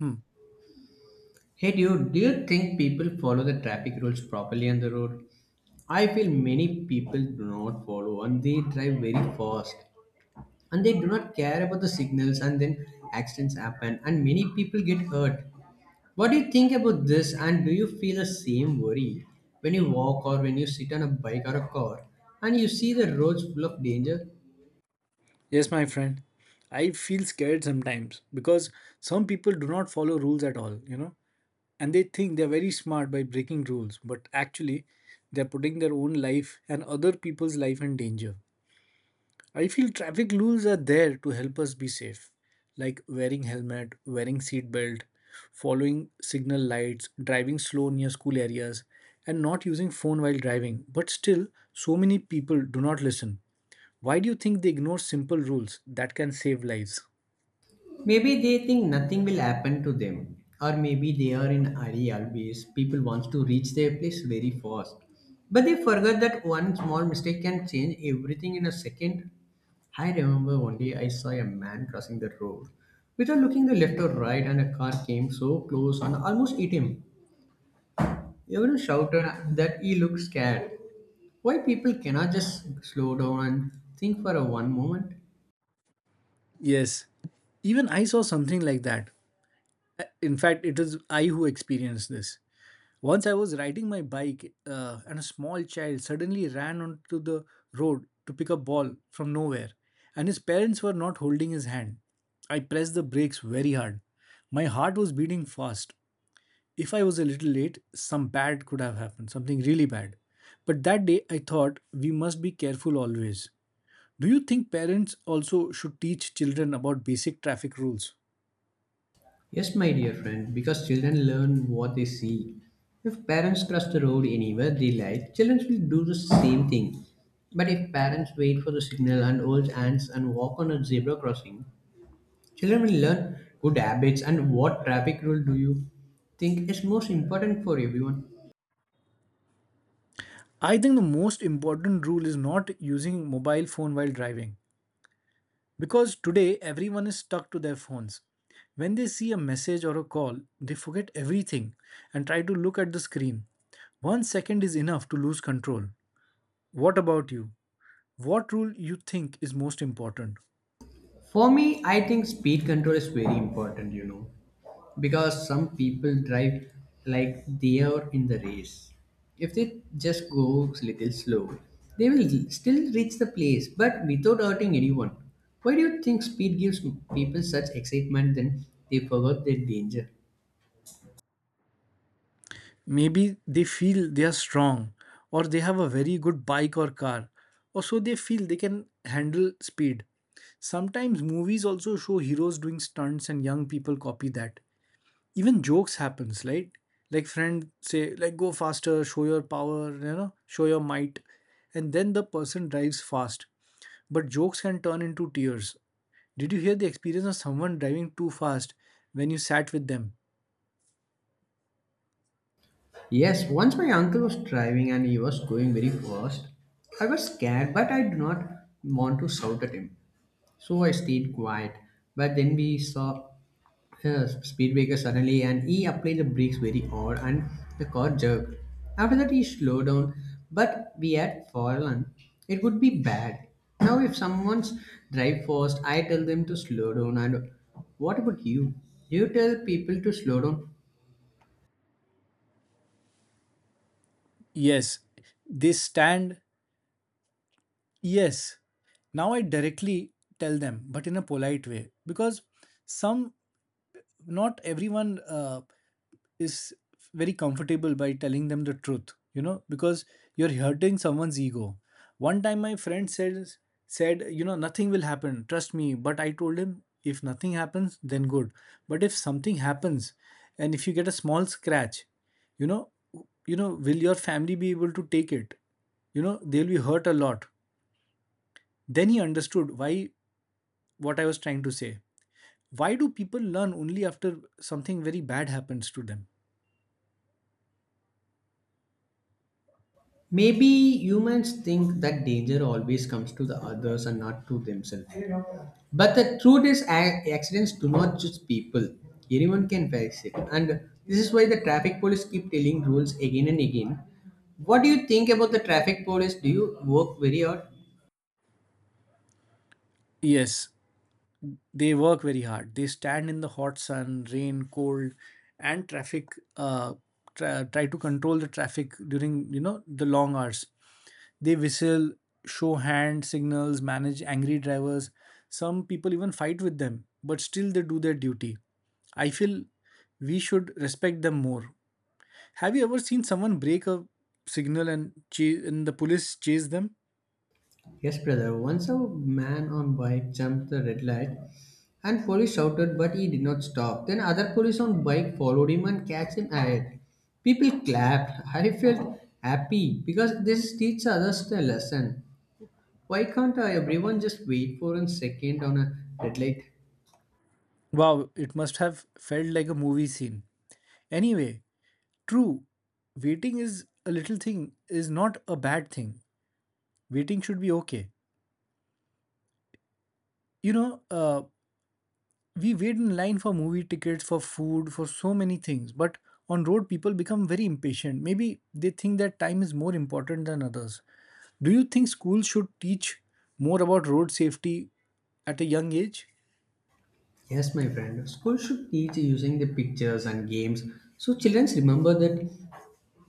Hmm. Hey dude, do you think people follow the traffic rules properly on the road? I feel many people do not follow and they drive very fast and they do not care about the signals, and then accidents happen and many people get hurt. What do you think about this, and do you feel the same worry when you walk or when you sit on a bike or a car and you see the roads full of danger? Yes, my friend. I feel scared sometimes because some people do not follow rules at all, and they think they're very smart by breaking rules, but actually, they're putting their own life and other people's life in danger. I feel traffic rules are there to help us be safe, like wearing helmet, wearing seat belt, following signal lights, driving slow near school areas, and not using phone while driving. But still, so many people do not listen. Why do you think they ignore simple rules that can save lives? Maybe they think nothing will happen to them, or maybe they are in hurry always. People wants to reach their place very fast, but they forget that one small mistake can change everything in a second. I remember one day I saw a man crossing the road without looking the left or right, and a car came so close and almost hit him. Everyone shouted that he looked scared. Why people cannot just slow down and think for a one moment? Yes, even I saw something like that. In fact, it is I who experienced this. Once I was riding my bike and a small child suddenly ran onto the road to pick a ball from nowhere, and his parents were not holding his hand. I pressed the brakes very hard. My heart was beating fast. If I was a little late, some bad could have happened, something really bad. But that day I thought we must be careful always. Do you think parents also should teach children about basic traffic rules? Yes, my dear friend, because children learn what they see. If parents cross the road anywhere they like, children will do the same thing. But if parents wait for the signal and hold hands and walk on a zebra crossing, children will learn good habits. And what traffic rule do you think is most important for everyone? I think the most important rule is not using mobile phone while driving. Because today everyone is stuck to their phones. When they see a message or a call, they forget everything and try to look at the screen. One second is enough to lose control. What about you? What rule you think is most important? For me, I think speed control is very important, you know, because some people drive like they are in the race. If they just go little slow, they will still reach the place, but without hurting anyone. Why do you think speed gives people such excitement then they forgot their danger? Maybe they feel they are strong or they have a very good bike or car or so they feel they can handle speed. Sometimes movies also show heroes doing stunts and young people copy that. Even jokes happens, right? Like friend say, like, go faster, show your power, show your might, and then the person drives fast, but jokes can turn into tears. Did you hear the experience of someone driving too fast when you sat with them? Yes, once my uncle was driving and he was going very fast. I was scared, but I did not want to shout at him. So I stayed quiet. But then we saw, yes, speedbaker suddenly, and he applied the brakes very hard and the car jerked. After that he slowed down, but we had fallen. It would be bad. Now if someone's drive fast, I tell them to slow down. And what about you? You tell people to slow down. Yes, they stand. Yes, now I directly tell them, but in a polite way, because some, not everyone is very comfortable by telling them the truth, because you're hurting someone's ego. One time my friend says said, you know, nothing will happen, trust me. But I told him, if nothing happens, then good, but if something happens and if you get a small scratch, you know, you know, will your family be able to take it? You know, they'll be hurt a lot. Then he understood why, what I was trying to say. Why do people learn only after something very bad happens to them? Maybe humans think that danger always comes to the others and not to themselves. But the truth is, accidents do not just people. Anyone can face it, and this is why the traffic police keep telling rules again and again. What do you think about the traffic police? Do you work very hard? Yes, they work very hard. They stand in the hot sun, rain, cold, and traffic, uh, try to control the traffic during, you know, the long hours. They whistle, show hand signals, manage angry drivers. Some people even fight with them, but still they do their duty. I feel we should respect them more. Have you ever seen someone break a signal and chase, and the police chase them? Yes, brother. Once a man on bike jumped the red light, and police shouted, but he did not stop. Then other police on bike followed him and catch him ahead. People clapped. I felt happy because this teaches others a lesson. Why can't everyone just wait for a second on a red light? Wow, it must have felt like a movie scene. Anyway, true, waiting is a little thing, is not a bad thing. Waiting should be okay. You know, uh, we wait in line for movie tickets, for food, for so many things. But on road, people become very impatient. Maybe they think that time is more important than others. Do you think schools should teach more about road safety at a young age? Yes, my friend. School should teach using the pictures and games so children remember that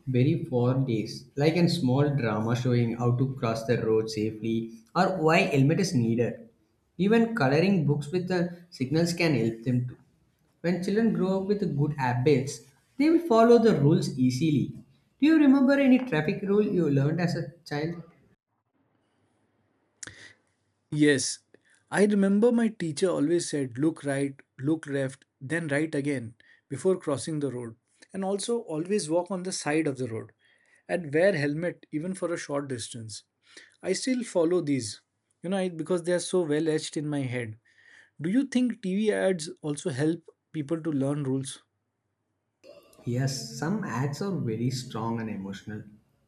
very for days, like a small drama showing how to cross the road safely or why helmet is needed. Even coloring books with the signals can help them too. When children grow up with good habits, they will follow the rules easily. Do you remember any traffic rule you learned as a child? Yes, I remember my teacher always said, look right, look left, then right again before crossing the road. And also always walk on the side of the road and wear helmet even for a short distance. I still follow these because they are so well etched in my head. Do you think TV ads also help people to learn rules? Yes, some ads are very strong and emotional.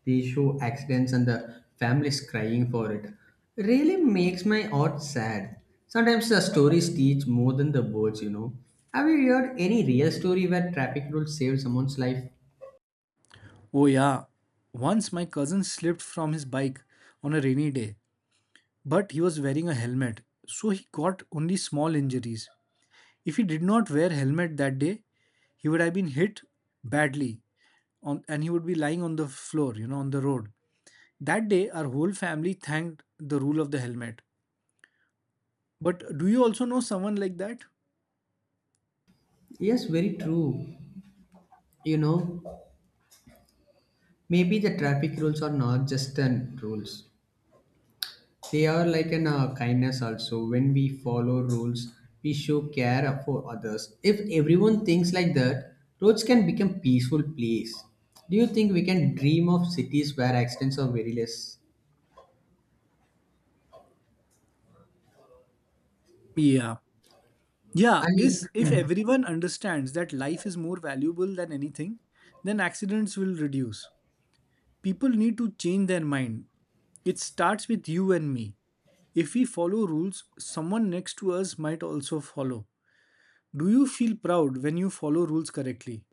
They show accidents and the families crying for it. Really makes my heart sad. Sometimes the stories teach more than the words, you know. Have you heard any real story where traffic rules saved someone's life? Oh, yeah. Once my cousin slipped from his bike on a rainy day, but he was wearing a helmet, so he got only small injuries. If he did not wear helmet that day, he would have been hit badly on and he would be lying on the floor, on the road. That day our whole family thanked the rule of the helmet. But do you also know someone like that? Yes, very true. You know, maybe the traffic rules are not just an rules. They are like an kindness also. When we follow rules, we show care for others. If everyone thinks like that, roads can become peaceful place. Do you think we can dream of cities where accidents are very less? Yeah. I Yeah, is mean, if mm. everyone understands that life is more valuable than anything, then accidents will reduce. People need to change their mind. It starts with you and me. If we follow rules, someone next to us might also follow. Do you feel proud when you follow rules correctly?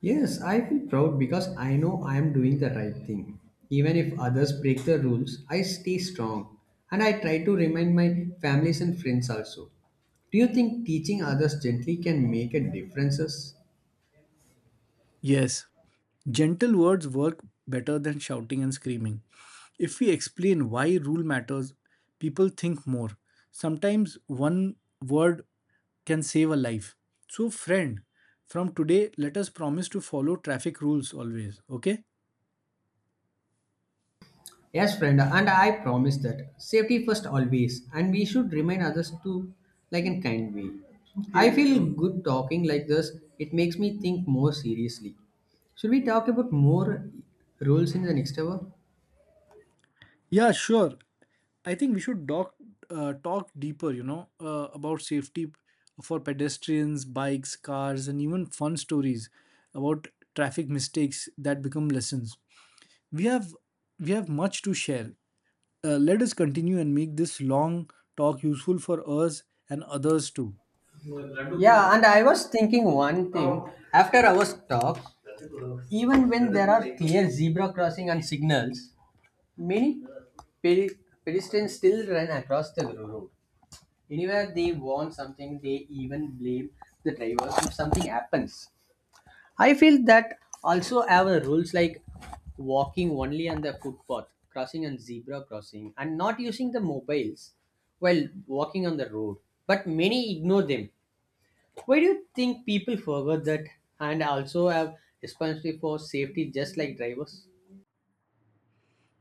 Yes, I feel proud because I know I am doing the right thing. Even if others break the rules, I stay strong and I try to remind my families and friends also. Do you think teaching others gently can make a differences? Yes, gentle words work better than shouting and screaming. If we explain why rule matters, people think more. Sometimes one word can save a life. So, friend, from today, let us promise to follow traffic rules always, okay? Yes, friend, and I promise that safety first always, and we should remind others to like in kind way. I, okay, feel good talking like this. It makes me think more seriously. Should we talk about more rules in the next hour? Yeah, sure. I think we should talk deeper, about safety for pedestrians, bikes, cars, and even fun stories about traffic mistakes that become lessons. We have we have much to share. Let us continue and make this long talk useful for us and others too. Yeah, and I was thinking one thing. After our talk, even when there are clear zebra crossing and signals, many pe- pedestrians still run across the road. Anywhere they want something, they even blame the drivers if something happens. I feel that also our rules like walking only on the footpath, crossing on zebra crossing, and not using the mobiles while walking on the road. But many ignore them. Why do you think people forget that and also have responsibility for safety just like drivers?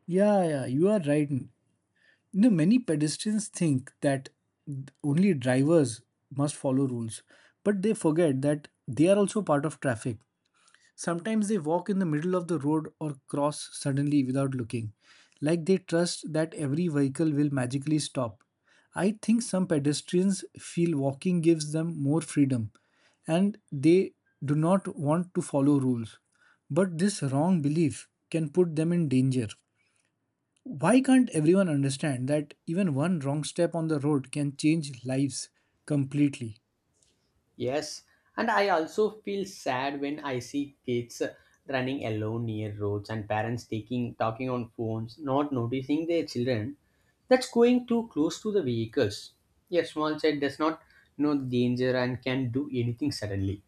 Yeah, yeah, you are right. You know, many pedestrians think that only drivers must follow rules, but they forget that they are also part of traffic. Sometimes they walk in the middle of the road or cross suddenly without looking, like they trust that every vehicle will magically stop. I think some pedestrians feel walking gives them more freedom and they do not want to follow rules. But this wrong belief can put them in danger. Why can't everyone understand that even one wrong step on the road can change lives completely? Yes, and I also feel sad when I see kids running alone near roads and parents taking talking on phones, not noticing their children. That's going too close to the vehicles. A small child does not know the danger and can do anything suddenly.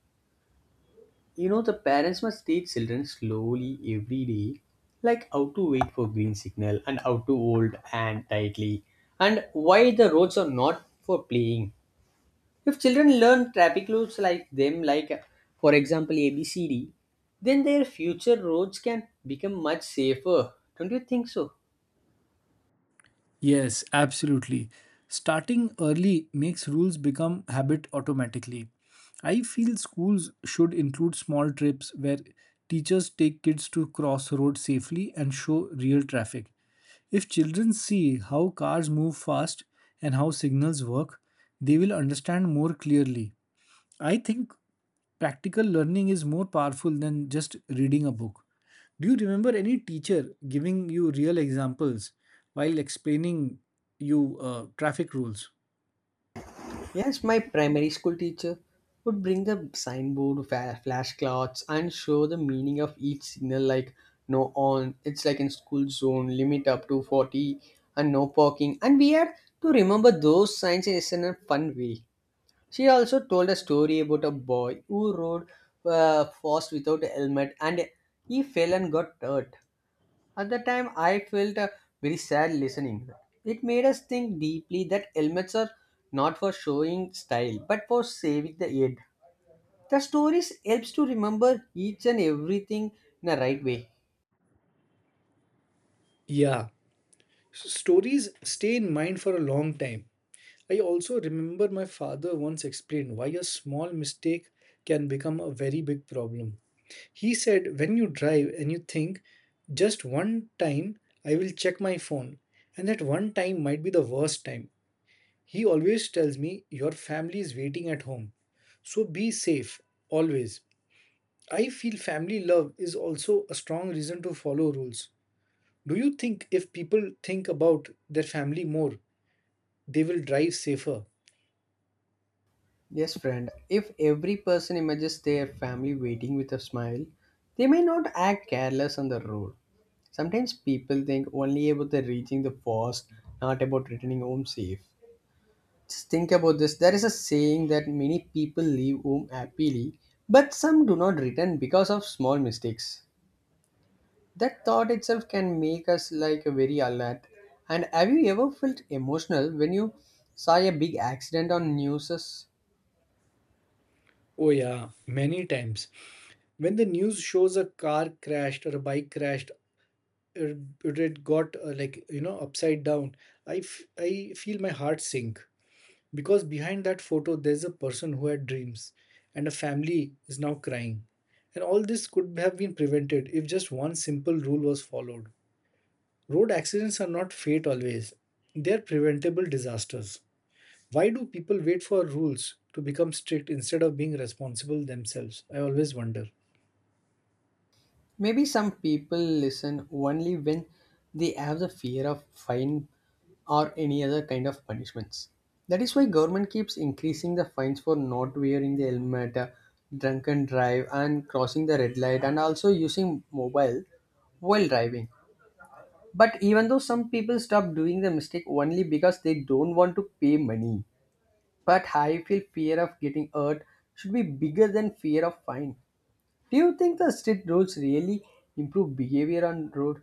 You know the parents must teach children slowly every day, like how to wait for green signal and how to hold and tightly, and why the roads are not for playing. If children learn traffic rules like them, like for example ABCD, then their future roads can become much safer. Don't you think so? Yes, absolutely. Starting early makes rules become habit automatically. I feel schools should include small trips where teachers take kids to cross roads safely and show real traffic. If children see how cars move fast and how signals work, they will understand more clearly. I think practical learning is more powerful than just reading a book. Do you remember any teacher giving you real examples while explaining you traffic rules? Yes, my primary school teacher would bring the signboard, flashcards, and show the meaning of each signal, like no on. It's like in school zone, limit up to 40, and no parking. And we had to remember those signs in a fun way. She also told a story about a boy who rode fast without a helmet and he fell and got hurt. At the time, I felt very sad listening. It made us think deeply that helmets are not for showing style but for saving the head. The stories helps to remember each and everything in the right way. Yeah, stories stay in mind for a long time. I also remember my father once explained why a small mistake can become a very big problem. He said, when you drive and you think, just one time I will check my phone, and that one time might be the worst time. He always tells me, your family is waiting at home. So be safe, always. I feel family love is also a strong reason to follow rules. Do you think if people think about their family more, they will drive safer? Yes, friend. If every person imagines their family waiting with a smile, they may not act careless on the road. Sometimes people think only about the reaching the first, not about returning home safe. Just think about this. There is a saying that many people leave home happily, but some do not return because of small mistakes. That thought itself can make us like very alert. And have you ever felt emotional when you saw a big accident on newses? Oh, yeah, many times. When the news shows a car crashed or a bike crashed, or it got upside down, I feel my heart sink. Because behind that photo, there's a person who had dreams and a family is now crying. And all this could have been prevented if just one simple rule was followed. Road accidents are not fate always, they are preventable disasters. Why do people wait for rules to become strict instead of being responsible themselves? I always wonder. Maybe some people listen only when they have the fear of fine or any other kind of punishments. That is why government keeps increasing the fines for not wearing the helmet, drunken drive and crossing the red light and also using mobile while driving. But even though some people stop doing the mistake only because they don't want to pay money. But I feel fear of getting hurt should be bigger than fear of fine. Do you think the strict rules really improve behavior on road?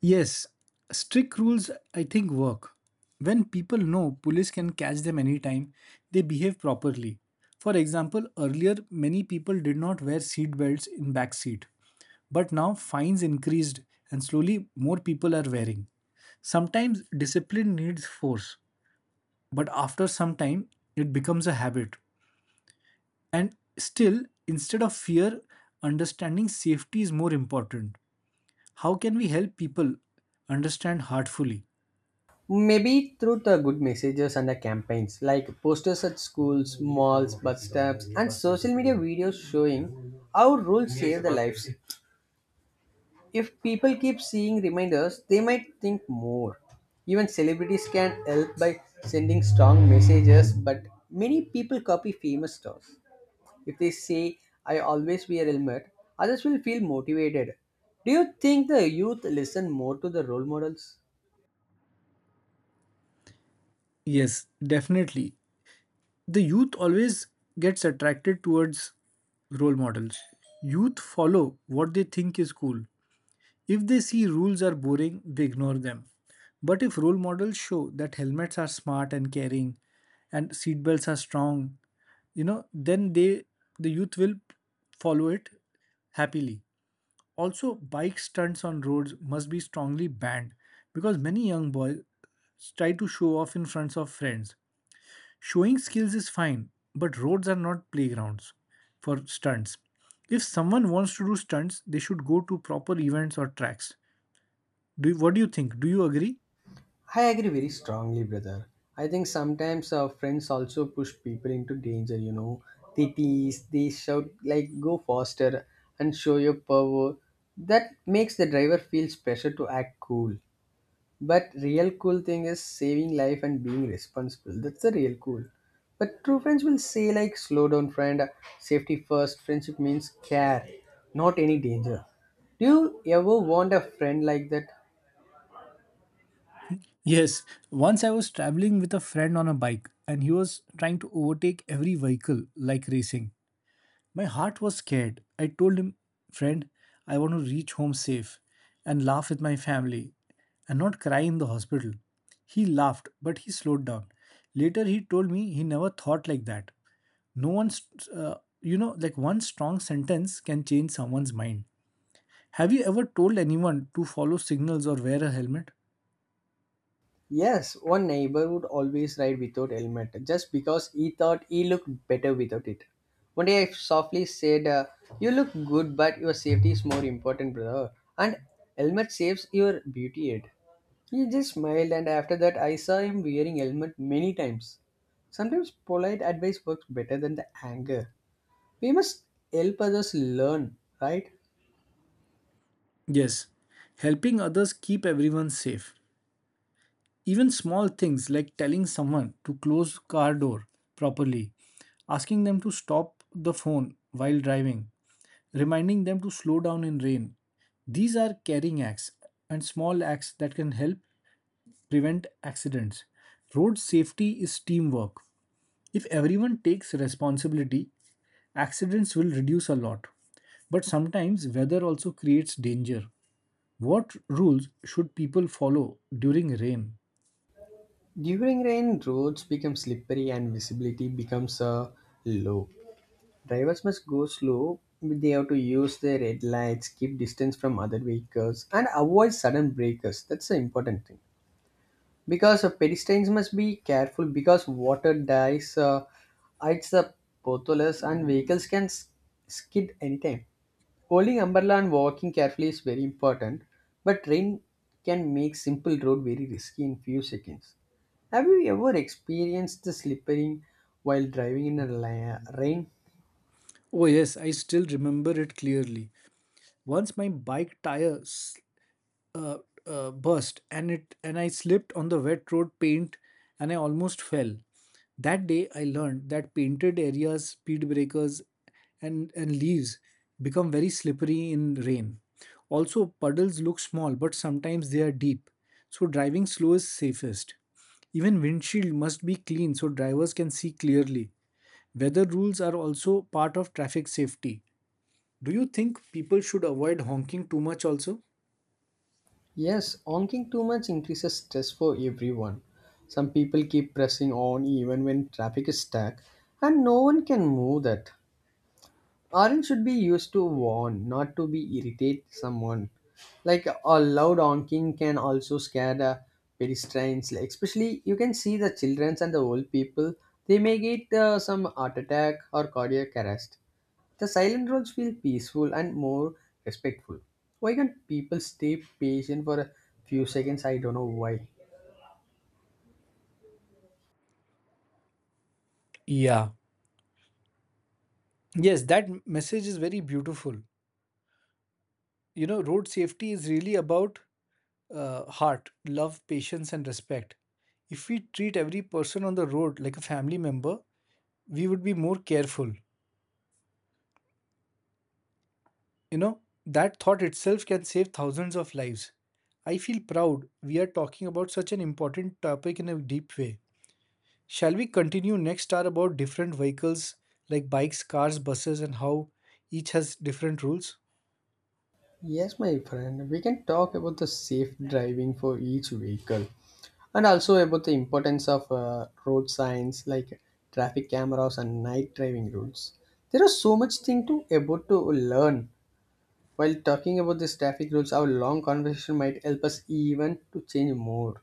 Yes, strict rules I think work. When people know police can catch them anytime, they behave properly. For example, earlier many people did not wear seat belts in back seat, but now fines increased and slowly more people are wearing. Sometimes discipline needs force, but after some time it becomes a habit. And still, instead of fear, understanding safety is more important. How can we help people understand heartfully? Maybe through the good messages and the campaigns like posters at schools, malls, bus stops, and social media videos showing how rules save the lives. If people keep seeing reminders, they might think more. Even celebrities can help by sending strong messages, but many people copy famous stars. If they say, I always wear helmet, others will feel motivated. Do you think the youth listen more to the role models? Yes, definitely. The youth always gets attracted towards role models. Youth follow what they think is cool. If they see rules are boring, they ignore them. But if role models show that helmets are smart and caring and seatbelts are strong, then the youth will follow it happily. Also, bike stunts on roads must be strongly banned because many young boys try to show off in front of friends. Showing skills is fine, but roads are not playgrounds for stunts. If someone wants to do stunts, they should go to proper events or tracks. Do what do you think? Do you agree? I agree very strongly, brother. I think sometimes our friends also push people into danger, you know. They tease, they shout, like, go faster and show your power. That makes the driver feel special to act cool. But real cool thing is saving life and being responsible. That's the real cool. But true friends will say like slow down friend, safety first. Friendship means care, not any danger. Do you ever want a friend like that? Yes, once I was traveling with a friend on a bike and he was trying to overtake every vehicle like racing. My heart was scared. I told him, friend, I want to reach home safe and laugh with my family and not cry in the hospital. He laughed, but he slowed down. Later, he told me he never thought like that. No one's uh, like one strong sentence can change someone's mind. Have you ever told anyone to follow signals or wear a helmet? Yes, one neighbor would always ride without helmet just because he thought he looked better without it. One day I softly said, "You look good, but your safety is more important, brother." And helmet saves your beauty aid. He just smiled, and after that, I saw him wearing helmet many times. Sometimes polite advice works better than the anger. We must help others learn, right? Yes, helping others keep everyone safe. Even small things like telling someone to close car door properly, asking them to stop the phone while driving, reminding them to slow down in rain, these are caring acts and small acts that can help prevent accidents. Road safety is teamwork. If everyone takes responsibility, accidents will reduce a lot. But sometimes weather also creates danger. What rules should people follow during rain? During rain, roads become slippery and visibility becomes low. Drivers must go slow. They have to use their red lights, keep distance from other vehicles, and avoid sudden breakers. That's the important thing. Because pedestrians must be careful because water dies, hides the potholes, and vehicles can skid anytime. Holding umbrella and walking carefully is very important, but rain can make simple road very risky in few seconds. Have you ever experienced the slippering while driving in a rain? Oh, yes, I still remember it clearly. Once my uh, burst and it and I slipped on the wet road paint and I almost fell. That day I learned that painted areas, speed breakers and leaves become very slippery in rain. Also puddles look small but sometimes they are deep. So driving slow is safest. Even windshield must be clean so drivers can see clearly. Weather rules are also part of traffic safety. Do you think people should avoid honking too much also? Yes, honking too much increases stress for everyone. Some people keep pressing on even when traffic is stuck, and no one can move that. Orange should be used to warn, not to be irritate someone. Like a loud honking can also scare the pedestrians. Like, especially you can see the childrens and the old people. They may get some heart attack or cardiac arrest. The silent roads feel peaceful and more respectful. Why can't people stay patient for a few seconds? I don't know why. Yeah, Yes, that message is very beautiful. You know, road safety is really about heart, love, patience, and respect. If we treat every person on the road like a family member, we would be more careful. You know, that thought itself can save thousands of lives. I feel proud we are talking about such an important topic in a deep way. Shall we continue next hour about different vehicles like bikes, cars, buses, and how each has different rules? Yes, my friend, we can talk about the safe driving for each vehicle, and also about the importance of road signs like traffic cameras and night driving rules. There are so much thing to about to learn. While talking about this traffic rules, our long conversation might help us even to change more.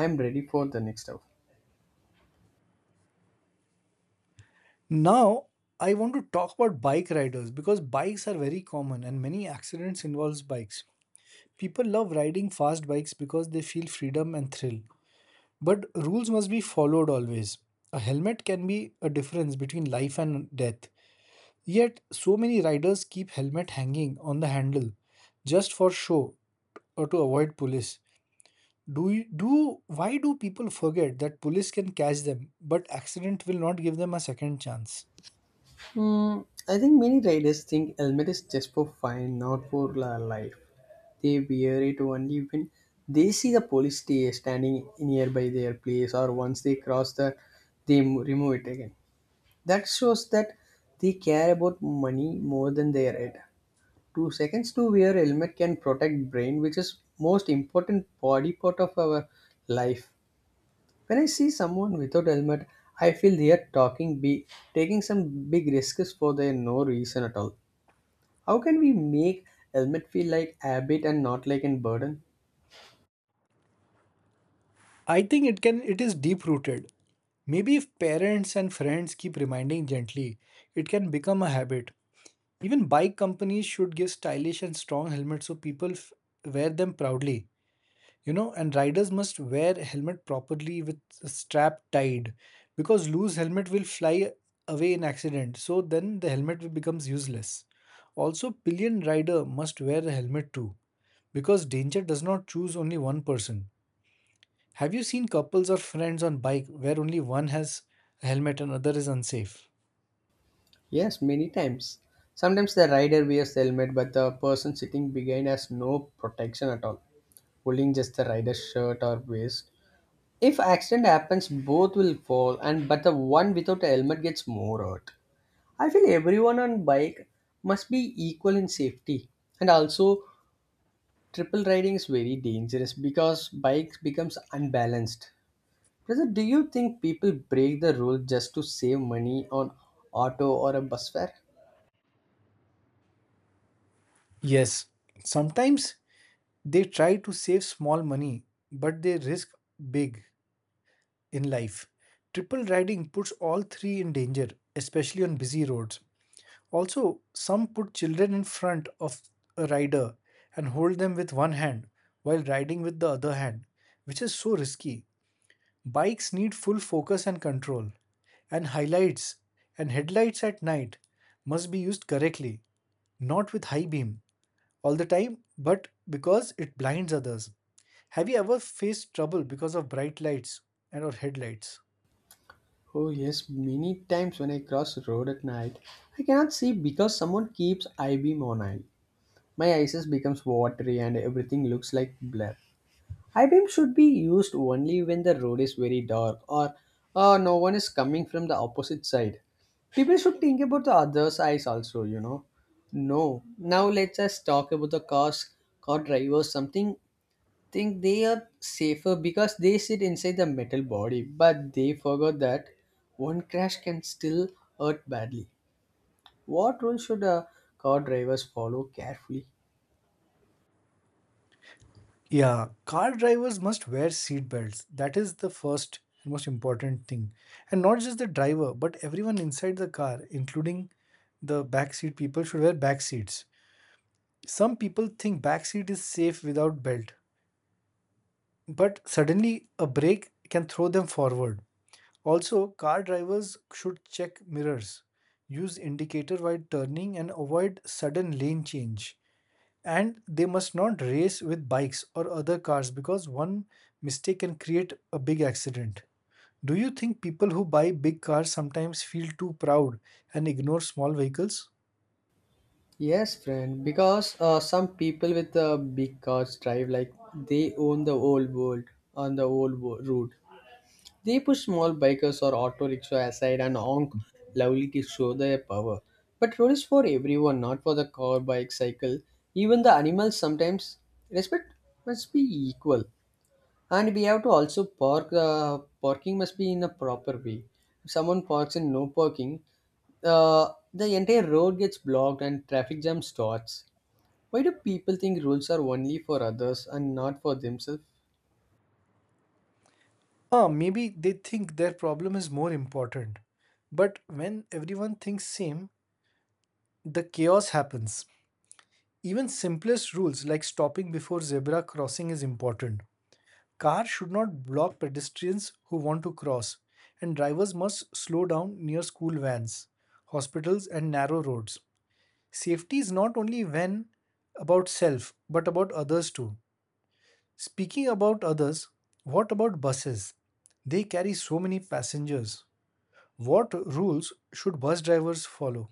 I am ready for the next hour. Now, I want to talk about bike riders because bikes are very common and many accidents involves bikes. People love riding fast bikes because they feel freedom and thrill. But rules must be followed always. A helmet can be a difference between life and death. Yet, so many riders keep helmet hanging on the handle just for show or to avoid police. Do you, do Why do people forget that police can catch them but accident will not give them a second chance? Hmm, I think many riders think helmet is just for fun, not for life. They wear it only when they see the police standing nearby their place, or once they cross the remove it again. That shows that they care about money more than their head. 2 seconds to wear a helmet can protect brain, which is most important body part of our life. When I see someone without helmet, I feel they are talking be taking some big risks for their no reason at all. How can we make helmet feel like habit and not like a burden? I think it can It is deep rooted. Maybe if parents and friends keep reminding gently, it can become a habit. Even bike companies should give stylish and strong helmets so people wear them proudly. You know, and riders must wear helmet properly with a strap tied because loose helmet will fly away in accident. So then the becomes useless. Also, pillion rider must wear a helmet too because danger does not choose only one person. Have you seen couples or friends on bike where only one has a helmet and other is unsafe? Yes, many times. Sometimes the rider wears the helmet, but the person sitting behind has no protection at all, pulling just the rider's shirt or waist. If accident happens, both will fall, and but the one without a helmet gets more hurt. I feel everyone on bike must be equal in safety, and also triple riding is very dangerous because bikes becomes unbalanced. Brother, do you think people break the rule just to save money on auto or a bus fare? Yes. Sometimes they try to save small money, but they risk big in life. Triple riding puts all three in danger, especially on busy roads. Also, some put children in front of a rider and hold them with one hand while riding with the other hand, which is so risky. Bikes need full focus and control, and highlights and headlights at night must be used correctly, not with high beam all the time, but because it blinds others. Have you ever faced trouble because of bright lights and or headlights? Oh yes, many times when I cross road at night, I cannot see because someone keeps eye beam on eye. My eyes becomes watery and everything looks like blur. High beam should be used only when the road is very dark, or no one is coming from the opposite side. People should think about the other eyes also, you know. No. Now let's just talk about the cars. Car drivers, something think they are safer because they sit inside the metal body, but they forgot that one crash can still hurt badly. What rule should car drivers follow carefully? Yeah, car drivers must wear seat belts. That is the first and most important thing. And not just the driver, but everyone inside the car, including the back seat people should wear back seats. Some people think back seat is safe without belt, but suddenly a brake can throw them forward. Also, car drivers should check mirrors, use indicator while turning, and avoid sudden lane change. And they must not race with bikes or other cars because one mistake can create a big accident. Do you think people who buy big cars sometimes feel too proud and ignore small vehicles? Yes, friend, because some people with big cars drive like they own the whole world on the road. They push small bikers or auto rickshaw aside and honk loudly to show their power. But road is for everyone, not for the car, bike, cycle. Even the animals sometimes respect must be equal. And we have to also park. Parking must be in a proper way. If someone parks in no parking, uh, the entire road gets blocked and traffic jam starts. Why do people think rules are only for others and not for themselves? Ah, maybe they think their problem is more important. But when everyone thinks same, the chaos happens. Even simplest rules like stopping before zebra crossing is important. Cars should not block pedestrians who want to cross, and drivers must slow down near school vans, hospitals, and narrow roads. Safety is not only when about self, but about others too. Speaking about others, what about buses? They carry so many passengers. What rules should bus drivers follow?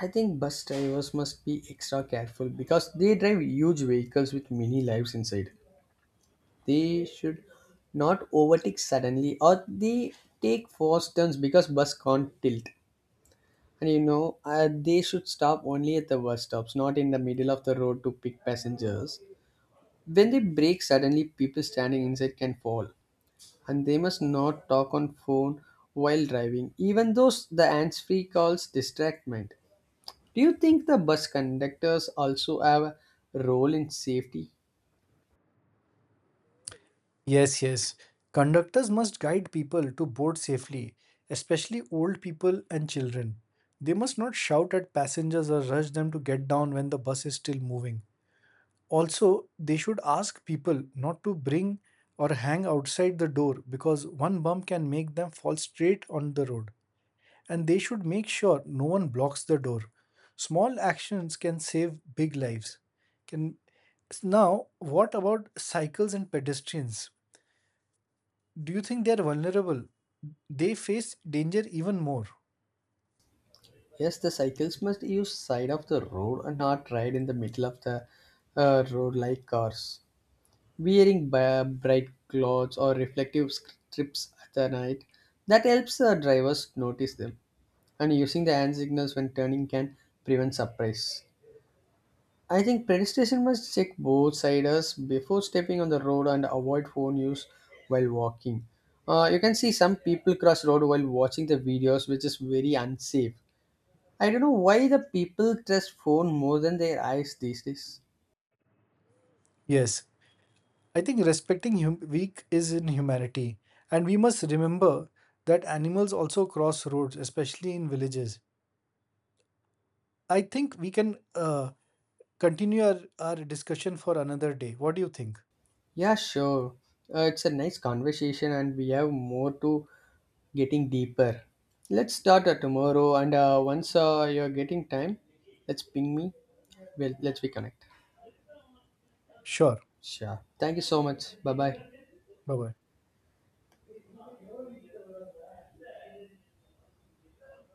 I think bus drivers must be extra careful because they drive huge vehicles with many lives inside. They should not overtake suddenly, or they take fast turns because bus can't tilt. And you know, they should stop only at the bus stops, not in the middle of the road to pick passengers. When they brake suddenly, people standing inside can fall, and they must not talk on phone while driving, even though the hands-free calls distractment. Do you think the bus conductors also have a role in safety? Yes, yes. Conductors must guide people to board safely, especially old people and children. They must not shout at passengers or rush them to get down when the bus is still moving. Also, they should ask people not to bring or hang outside the door because one bump can make them fall straight on the road. And they should make sure no one blocks the door. Small actions can save big lives. Can Now, what about cycles and pedestrians? Do you think they're vulnerable? They face danger even more. Yes, the cycles must use side of the road and not ride in the middle of the road like cars. Wearing bright clothes or reflective strips at the night, that helps the drivers notice them, and using the hand signals when turning can prevent surprise. I think pedestrians must check both sides before stepping on the road and avoid phone use while walking. You can see some people cross road while watching the videos, which is very unsafe. I don't know why the people trust phone more than their eyes these days. Yes, I think respecting weak is in humanity, and we must remember that animals also cross roads, especially in villages. I think we can continue our discussion for another day. What do you think? Yeah, sure. It's a nice conversation, and we have more to getting deeper. Let's start tomorrow, and once you're getting time, let's ping me. Well, let's reconnect. Sure. Sure. Thank you so much. Bye bye. Bye bye.